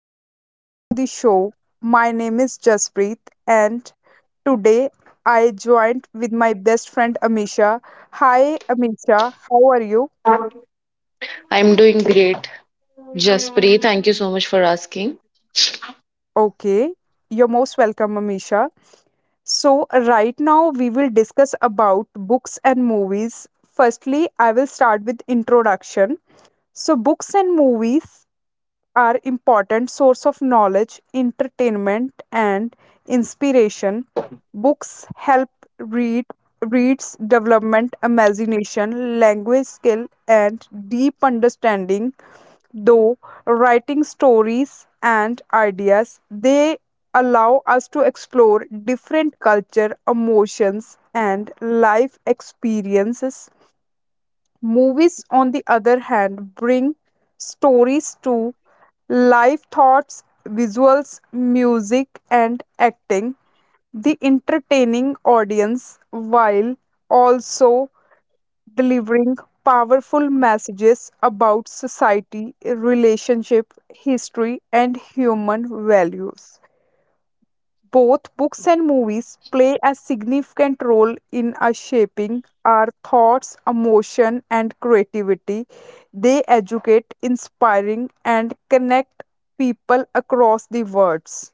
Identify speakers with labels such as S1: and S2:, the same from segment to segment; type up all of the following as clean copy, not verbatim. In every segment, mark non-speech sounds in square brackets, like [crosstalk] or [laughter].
S1: Welcome back to the show. My name is Jaspreet, and today I joined with my best friend Amisha. Hi Amisha, how are you?
S2: I'm doing great. Jaspri, thank you so much for asking.
S1: Okay, you're most welcome, Amisha. So, right now we will discuss about books and movies. Firstly, I will start with introduction. So, books and movies are important source of knowledge, entertainment and inspiration. Books help read reads development imagination language skill and deep understanding though writing stories and ideas they allow us to explore different culture emotions and life experiences. Movies, on the other hand, bring stories to life thoughts, visuals, music, and acting, the entertaining audience while also delivering powerful messages about society, relationship, history, and human values. Both books and movies play a significant role in us shaping our thoughts, emotion, and creativity. They educate, inspiring, and connect people across the worlds.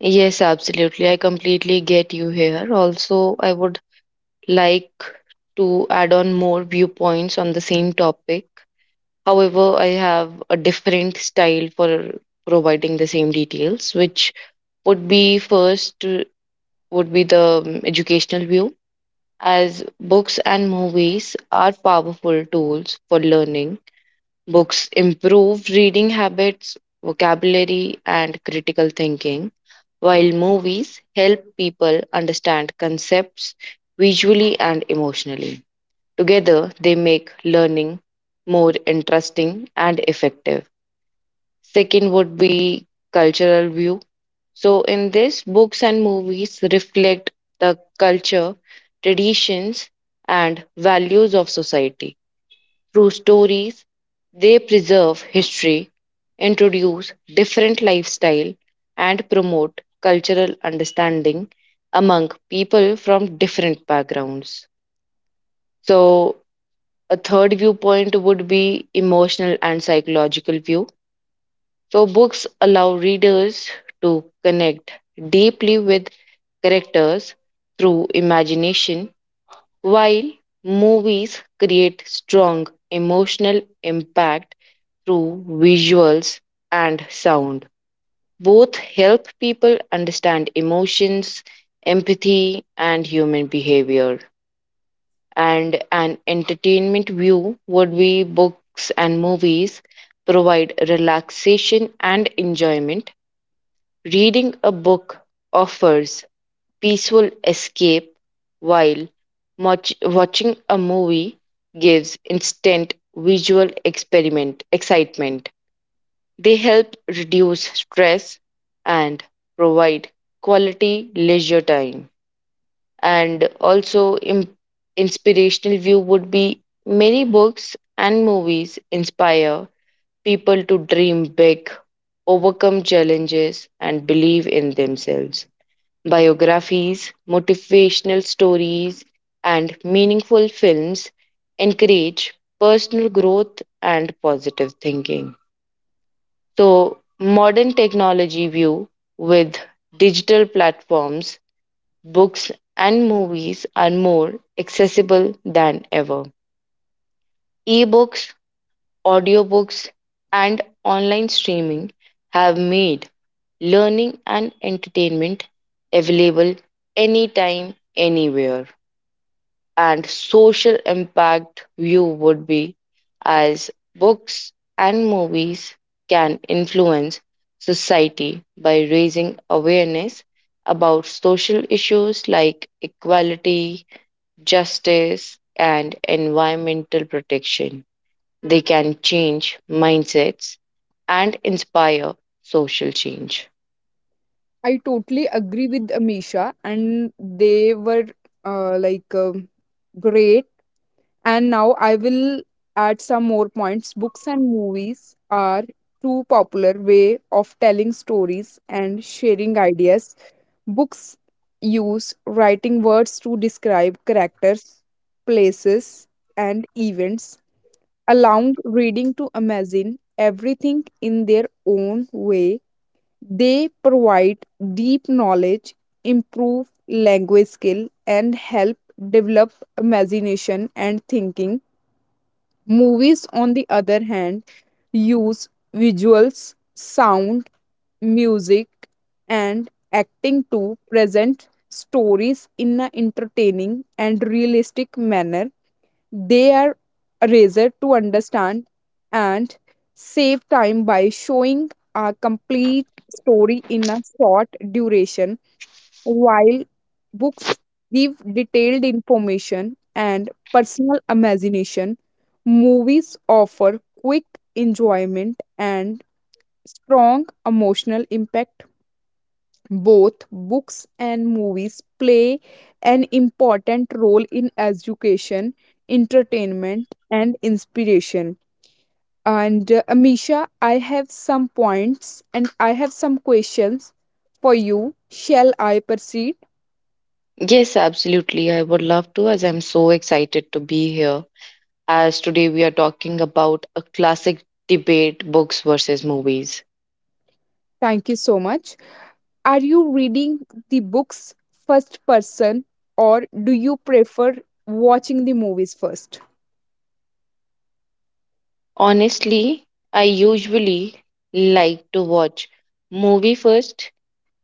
S2: Yes, absolutely. I completely get you here. Also, I would like to add on more viewpoints on the same topic. However, I have a different style for providing the same details, which would be first would be the educational view, as books and movies are powerful tools for learning. Books improve reading habits, vocabulary, and critical thinking, while movies help people understand concepts visually and emotionally. Together, they make learning more interesting and effective. Second would be cultural view. So, in this, books and movies reflect the culture, traditions, and values of society. Through stories, they preserve history, introduce different lifestyle, and promote cultural understanding among people from different backgrounds. So, a third viewpoint would be emotional and psychological view. So, books allow readers to connect deeply with characters through imagination, while movies create strong emotional impact through visuals and sound. Both help people understand emotions, empathy, and human behavior. And an entertainment view would be books and movies provide relaxation and enjoyment. Reading a book offers peaceful escape, while watching a movie gives instant visual experiment excitement. They help reduce stress and provide quality leisure time. And also, inspirational view would be many books and movies inspire people to dream big, overcome challenges, and believe in themselves. Biographies, motivational stories, and meaningful films encourage personal growth and positive thinking. So, modern technology view: with digital platforms, books, and movies are more accessible than ever. Ebooks, audiobooks, and online streaming have made learning and entertainment available anytime, anywhere. And social impact view would be, as books and movies can influence society by raising awareness about social issues like equality, justice, and environmental protection. They can change mindsets and inspire social change.
S1: I totally agree with Amisha, and they were uh, like um great. And now I will add some more points. Books and movies are two popular way of telling stories and sharing ideas. Books use writing words to describe characters, places, and events, allowing reading to imagine everything in their own way. They provide deep knowledge, improve language skill, and help develop imagination and thinking. Movies, on the other hand, use visuals, sound, music, and acting to present stories in an entertaining and realistic manner. They are raised to understand and save time by showing a complete story in a short duration, while books give detailed information and personal imagination. Movies offer quick enjoyment and strong emotional impact both books and movies play an important role in education, entertainment, and inspiration. And Amisha, I have some points and I have some questions for you. Shall I proceed?
S2: Yes, absolutely. I would love to, as I'm so excited to be here, as today we are talking about a classic debate, books versus movies.
S1: Thank you so much. Are you reading the books first person or do you prefer watching the movies first?
S2: Honestly, I usually like to watch movie first.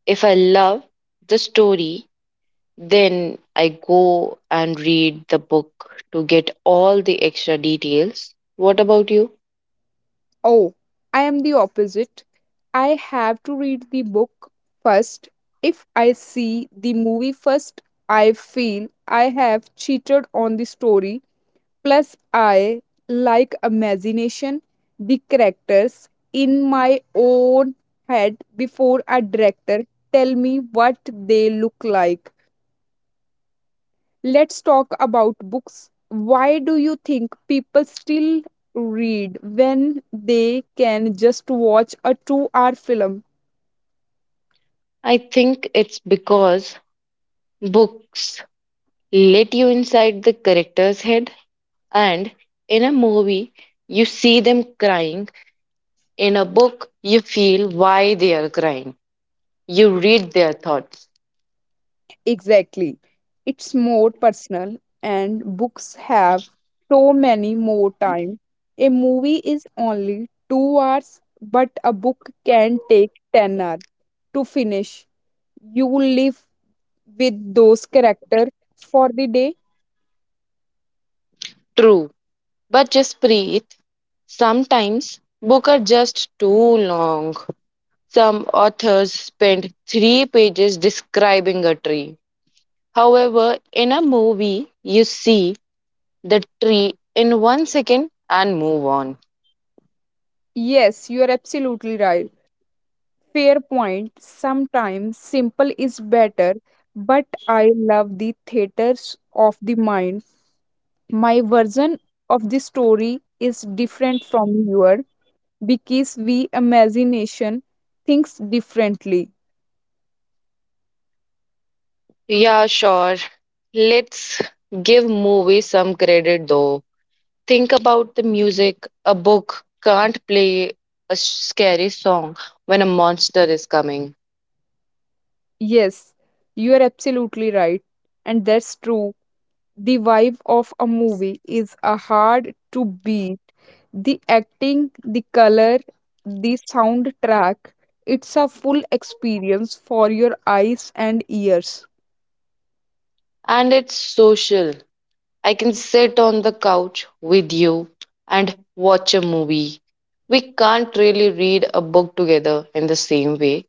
S2: If I love the story, then I go and read the book to get all the extra details. What about you?
S1: Oh, I am the opposite. I have to read the book first. If I see the movie first, I feel I have cheated on the story. Plus, I like imagination, the characters in my own head before a director tell me what they look like. Let's talk about books. Why do you think people still read when they can just watch a 2 hour film?
S2: I think it's because books let you inside the character's head, and in a movie you see them crying. In a book, you feel why they are crying. You read their thoughts.
S1: Exactly. It's more personal, and books have so many more time. A movie is only 2 hours, but a book can take 10 hours to finish. You will live with those characters for the day.
S2: True, but just breathe. Sometimes books are just too long. Some authors spend three pages describing a tree. However, in a movie, you see the tree in 1 second and move on.
S1: Yes, you are absolutely right. Fair point. Sometimes simple is better, but I love the theaters of the mind. My version of the story is different from yours because we imagination thinks differently.
S2: Yeah, sure. Let's give movies some credit though. Think about the music. A book can't play a scary song when a monster is coming.
S1: Yes, you are absolutely right, and that's true. The vibe of a movie is a hard to beat. The acting, the color, the soundtrack, it's a full experience for your eyes and ears.
S2: And it's social. I can sit on the couch with you and watch a movie. We can't really read a book together in the same way.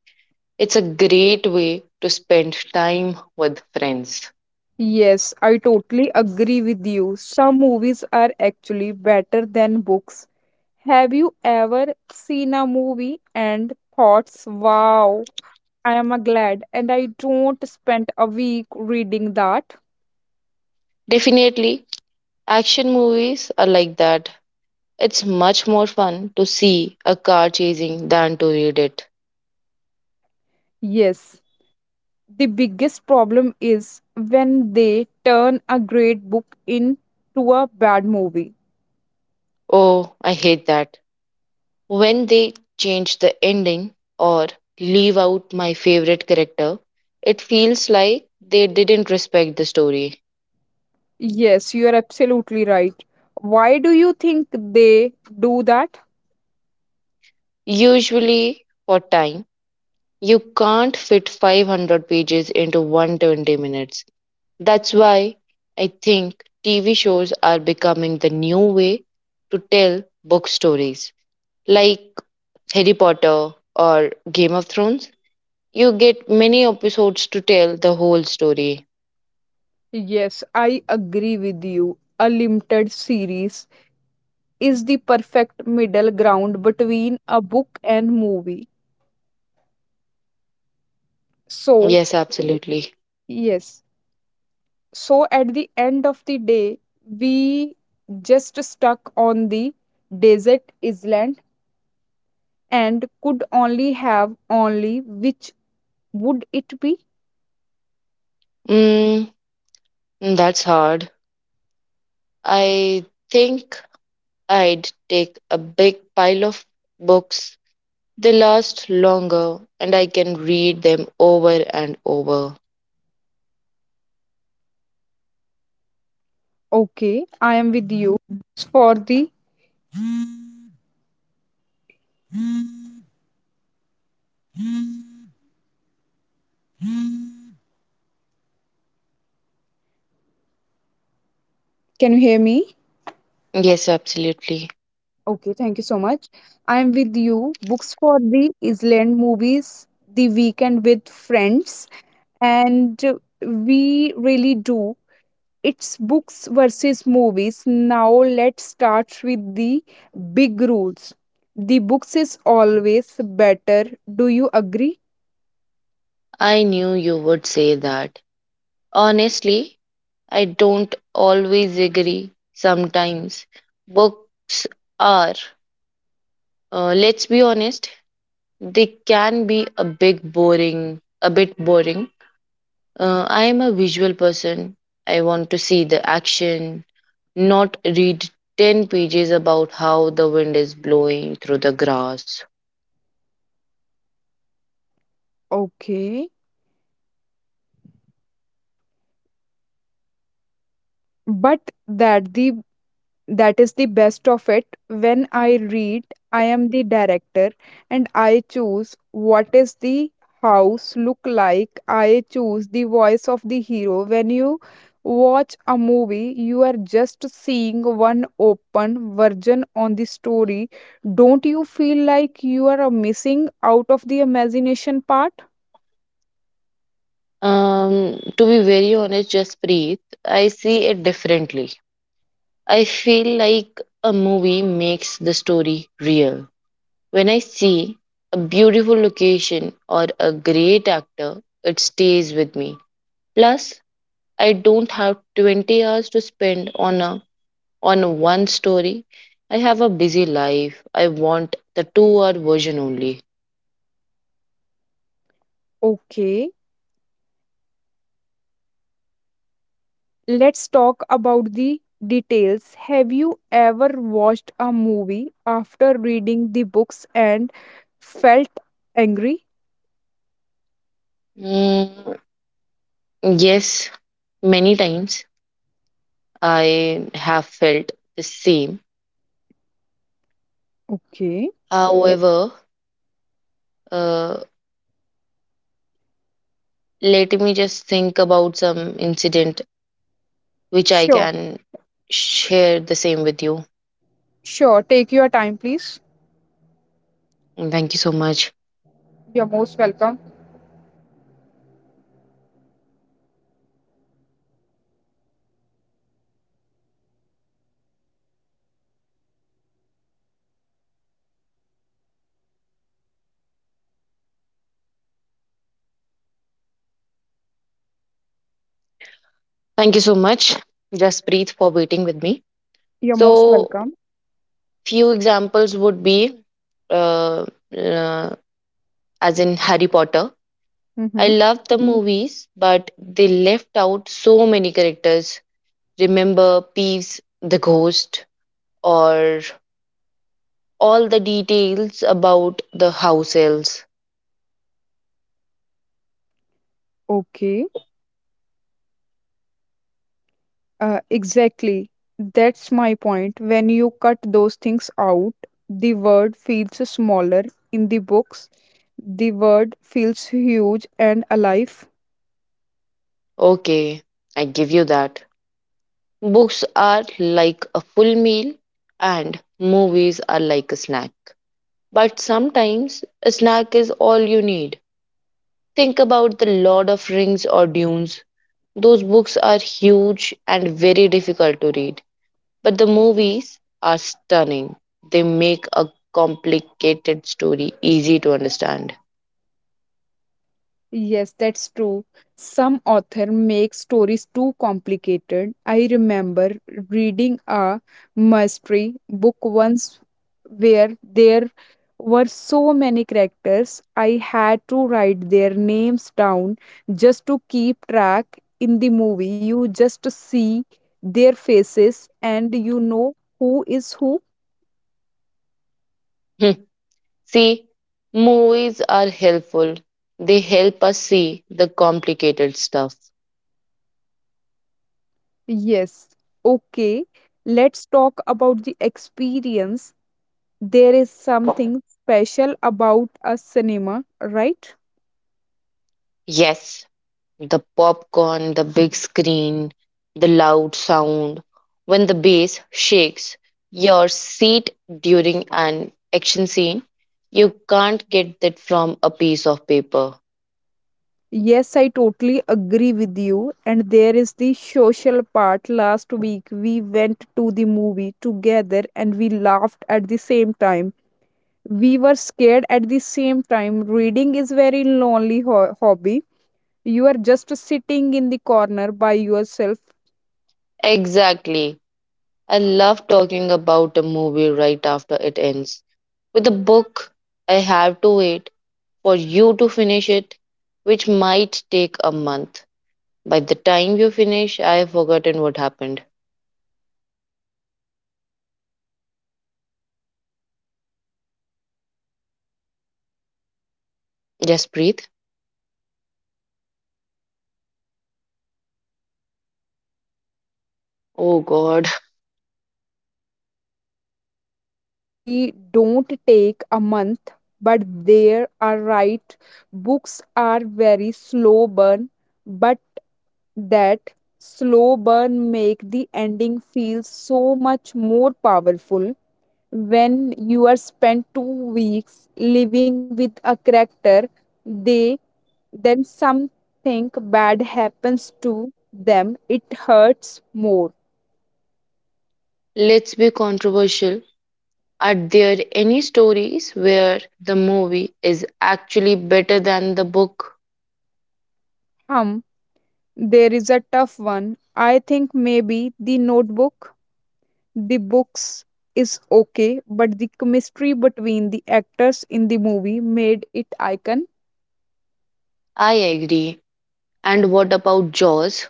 S2: It's a great way to spend time with friends.
S1: Yes, I totally agree with you. Some movies are actually better than books. Have you ever seen a movie and thought, wow, I am glad and I don't spend a week reading that?
S2: Definitely, action movies are like that. It's much more fun to see a car chasing than to read it.
S1: Yes. The biggest problem is when they turn a great book into a bad movie.
S2: Oh, I hate that. When they change the ending or leave out my favorite character, it feels like they didn't respect the story.
S1: Yes, you are absolutely right. Why do you think they do that?
S2: Usually, for time, you can't fit 500 pages into 120 minutes. That's why I think TV shows are becoming the new way to tell book stories. Like Harry Potter or Game of Thrones, you get many episodes to tell the whole story.
S1: Yes, I agree with you. A limited series is the perfect middle ground between a book and movie. So,
S2: Yes, absolutely.
S1: yes, so at the end of the day, we just stuck on the desert island and could only have only which would it be.
S2: Mm, that's hard. I think I'd take a big pile of books. They last longer and I can read them over and over.
S1: Okay, I am
S2: Yes, absolutely.
S1: you. Books for the Island Movies, The Weekend with Friends, and we really do. It's books versus movies. Now let's start with the big rules. The books is always better. Do you agree?
S2: I knew you would say that. Honestly, I don't always agree. Sometimes books are, let's be honest, they can be a bit boring. I am a visual person. I want to see the action, not read 10 pages about how the wind is blowing through the grass.
S1: Okay. But that the that is the best of it when I read, I am the director and I choose what is the house look like. I choose the voice of the hero. When you watch a movie, you are just seeing one open version on the story. Don't you feel like you are missing out of the imagination part?
S2: To be very honest, just breathe. I see it differently. I feel like a movie makes the story real. When I see a beautiful location or a great actor, it stays with me. Plus, I don't have 20 hours to spend on a on one story. I have a busy life. I want the 2 hour version only.
S1: Okay. Let's talk about the details. Have you ever watched a movie after reading the books and felt angry?
S2: Mm, yes, many times I have felt the same.
S1: Okay.
S2: However, uh, let me just think about some incident which I
S1: Sure,
S2: can share the same with you.
S1: sure. Take your time, please.
S2: And thank you so much.
S1: You're most welcome.
S2: Thank you so much, Jaspreet, for waiting with me.
S1: You're most
S2: So,
S1: welcome.
S2: few examples would be uh, uh, as in Harry Potter. I
S1: Mm-hmm.
S2: love the movies, but they left out so many characters. Remember Peeves, the ghost, or all the details about the house elves.
S1: Okay. Exactly. That's my point. When you cut those things out, the world feels smaller in the books. The world feels huge and alive.
S2: Okay, I give you that. Books are like a full meal, and movies are like a snack. But sometimes a snack is all you need. Think about The Lord of Rings or Dunes. Those books are huge and very difficult to read. But the movies are stunning. They make a complicated story easy to understand.
S1: Yes, that's true. Some author make stories too complicated. I remember reading a mystery book once where there were so many characters, I had to write their names down just to keep track. In the movie, you just see their faces and you know who is who.
S2: Hmm, see, movies are helpful. They help us see the complicated stuff.
S1: Yes, okay. Let's talk about the experience. There is something special about a cinema, right?
S2: Yes, the popcorn, the big screen, the loud sound. When the bass shakes your seat during an action scene, you can't get that from a piece of paper.
S1: Yes, I totally agree with you. And there is the social part. Last week, we went to the movie together and we laughed at the same time. We were scared at the same time. Reading is very lonely hobby. You are just sitting in the corner by yourself.
S2: Exactly. I love talking about a movie right after it ends. With a book, I have to wait for you to finish it, which might take a month. By the time you finish, I have forgotten what happened.
S1: Okay.
S2: Just breathe. Oh God.
S1: Hi, I don't take a month, but there are right. Books are very slow burn, but that slow burn make the ending feel so much more powerful when you are spent 2 weeks living with a character they then something bad happens to them it hurts more.
S2: Let's be controversial. Are there any stories where the movie is actually better than the book?
S1: Hum. There is a tough one. I think maybe the notebook, the books is okay, but the chemistry between the actors in the movie made it icon.
S2: I agree. And what about Jaws?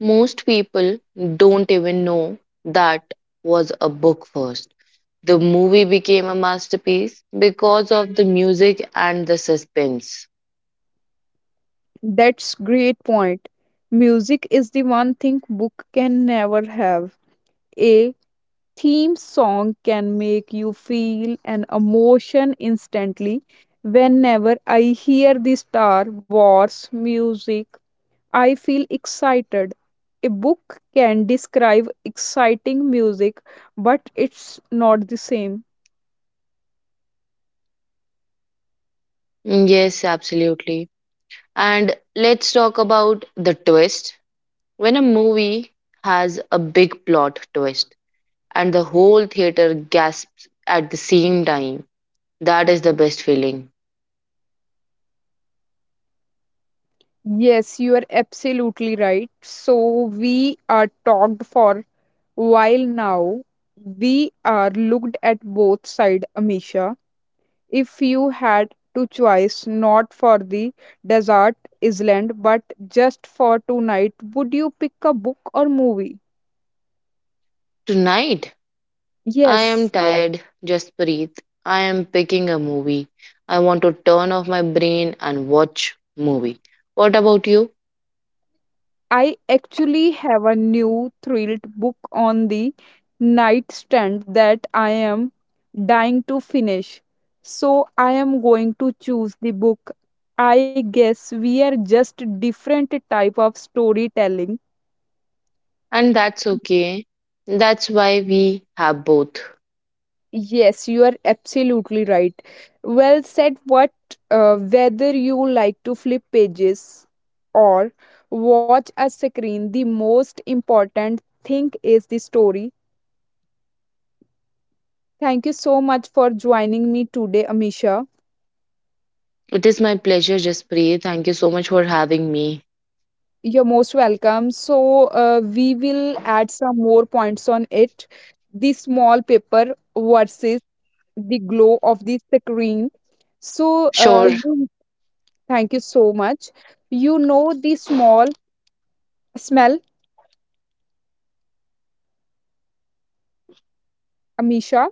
S2: Most people don't even know that was a book first. The movie became a masterpiece because of the music and the suspense.
S1: That's great point. Music is the one thing book can never have. A theme song can make you feel an emotion instantly. Whenever I hear the Star Wars music, I feel excited. A book can describe exciting music, but it's not the same.
S2: Yes, absolutely. And let's talk about the twist. When a movie has a big plot twist and the whole theater gasps at the same time, that is the best feeling.
S1: Yes, you are absolutely right. So we are talked for while now. We are looked at both side, Amisha. If you had to choice not for the desert island, but just for tonight, would you pick a book or movie?
S2: Tonight, I am
S1: Yes,
S2: tired, just breathe. I am picking a movie. I want to turn off my brain and watch movie. What about you?
S1: I actually have a new thrilled book on the nightstand that I am dying to finish. So I am going to choose the book. I guess we are just different type of storytelling.
S2: And that's okay. That's why we have both.
S1: Yes, you are absolutely right. Well said. What whether you like to flip pages or watch a screen, the most important thing is the story. Thank you so much for joining me today, Amisha.
S2: It is my pleasure, just breathe. Thank you so much for having me.
S1: You're most welcome. So, we will add some more points on it. The small paper versus the glow of the screen. So,
S2: Sure.
S1: you, thank you so much. You know the small smell, Amisha,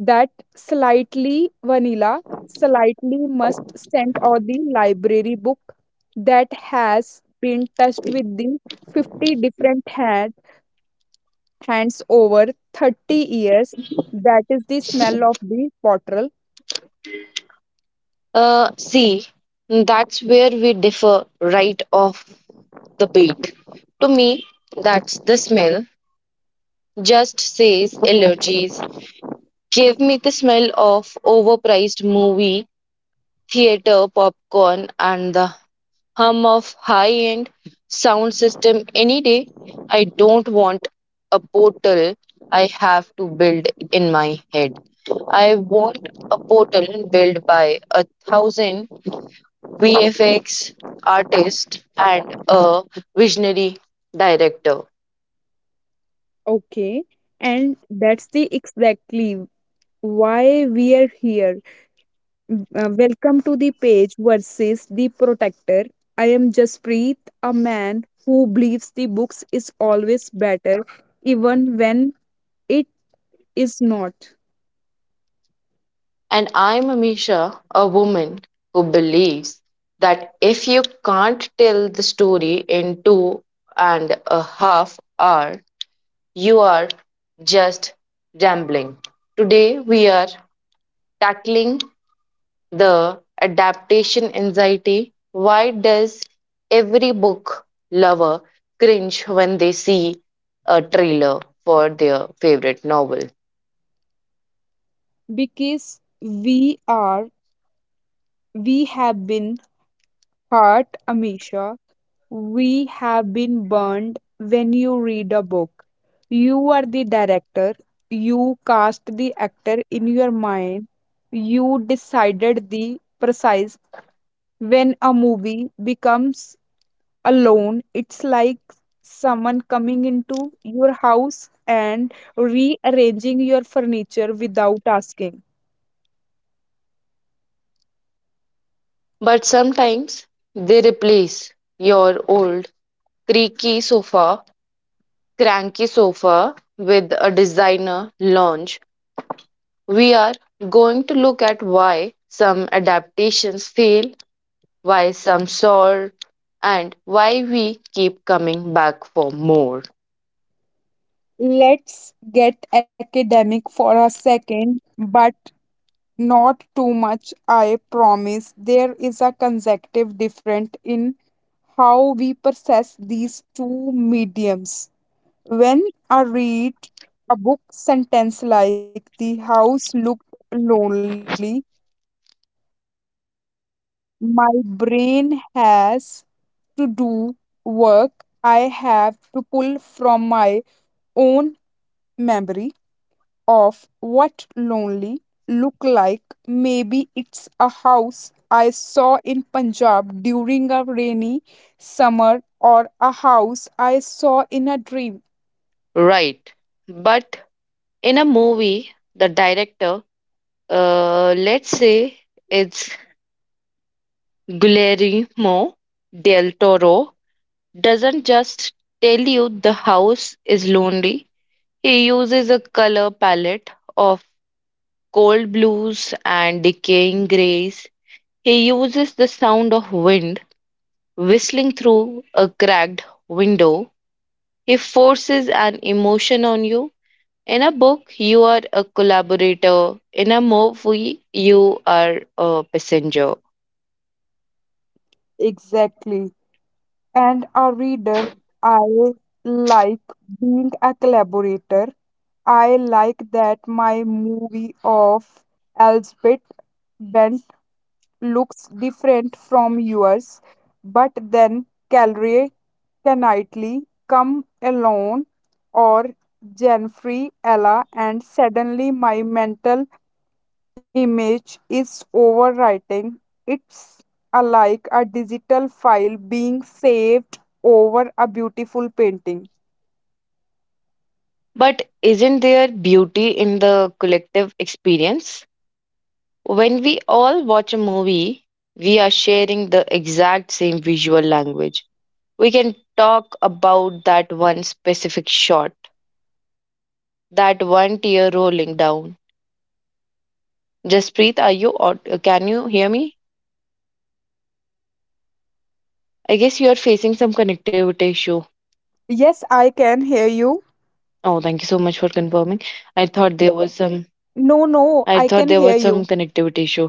S1: that slightly vanilla, slightly must scent or the library book that has been touched with the 50 different hands over 30 years. That is the smell of the bottle.
S2: See, that's where we differ right off the beat. To me, that's the smell. Just says allergies. Gave me the smell of overpriced movie theater popcorn and the hum of high end sound system any day. I don't want a portal I have to build in my head. I want a portal built by a thousand VFX artists and a visionary director.
S1: Okay. And that's the exactly why we are here. Welcome to the page versus the protector. I am Jaspreet, a man who believes the books is always better, even when it is not.
S2: And I'm Amisha, a woman who believes that if you can't tell the story in 2.5 hour, you are just rambling. Today we are tackling the adaptation anxiety. Why does every book lover cringe when they see a trailer for their favorite novel?
S1: Because we are, we have been heart, Amisha, we have been burned when you read a book. You are the director, you cast the actor in your mind, you decided the precise. When a movie becomes alone, it's like someone coming into your house and rearranging your furniture without asking.
S2: But sometimes they replace your old creaky sofa, cranky sofa with a designer lounge. We are going to look at why some adaptations fail, why some soar, and why we keep coming back for more.
S1: Let's get academic for a second, but not too much, I promise. There is a consecutive difference in how we process these two mediums. When I read a book sentence like the house looked lonely, my brain has to do work. I have to pull from my own memory of what lonely look like, maybe it's a house I saw in Punjab during a rainy summer or a house I saw in a dream.
S2: Right. But in a movie, the director, let's say it's Guillermo del Toro, doesn't just tell you the house is lonely. He uses a color palette of cold blues and decaying grays. He uses the sound of wind whistling through a cracked window. He forces an emotion on you. In a book, you are a collaborator. In a movie, you are a passenger.
S1: Exactly. And a reader, I like being a collaborator. I like that my movie of Elspeth went looks different from yours, but then celery can nightly come alone or Jenfrey Ella, and suddenly my mental image is overwriting. It's like a digital file being saved over a beautiful painting.
S2: But isn't there beauty in the collective experience? When we all watch a movie, we are sharing the exact same visual language. We can talk about that one specific shot, that one tear rolling down. Jaspreet, are you? Or can you hear me?
S1: Yes, I can hear you.
S2: I guess you are facing some connectivity issue.
S1: No, no, I can hear you.
S2: Oh, thank you so much for confirming. I thought there was some. I thought there was some connectivity issue.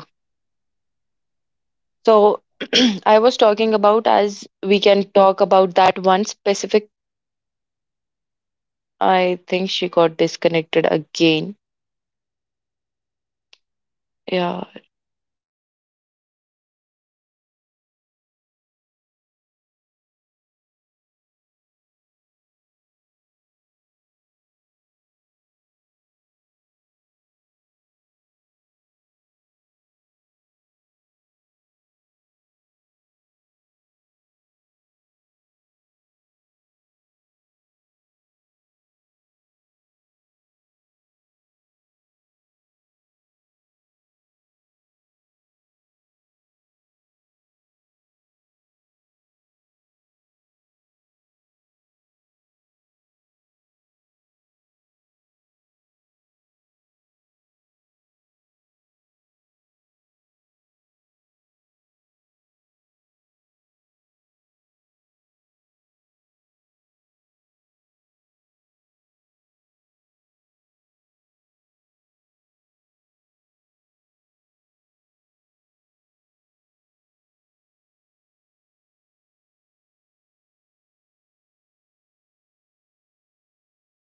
S1: No, no, I am
S2: So
S1: uh,
S2: [clears throat] I was talking about as we can talk about that one specific. I think she got
S1: Amisha. Are you
S2: disconnected
S1: there?
S2: again. Yeah.
S1: Amisha, are you there? Amisha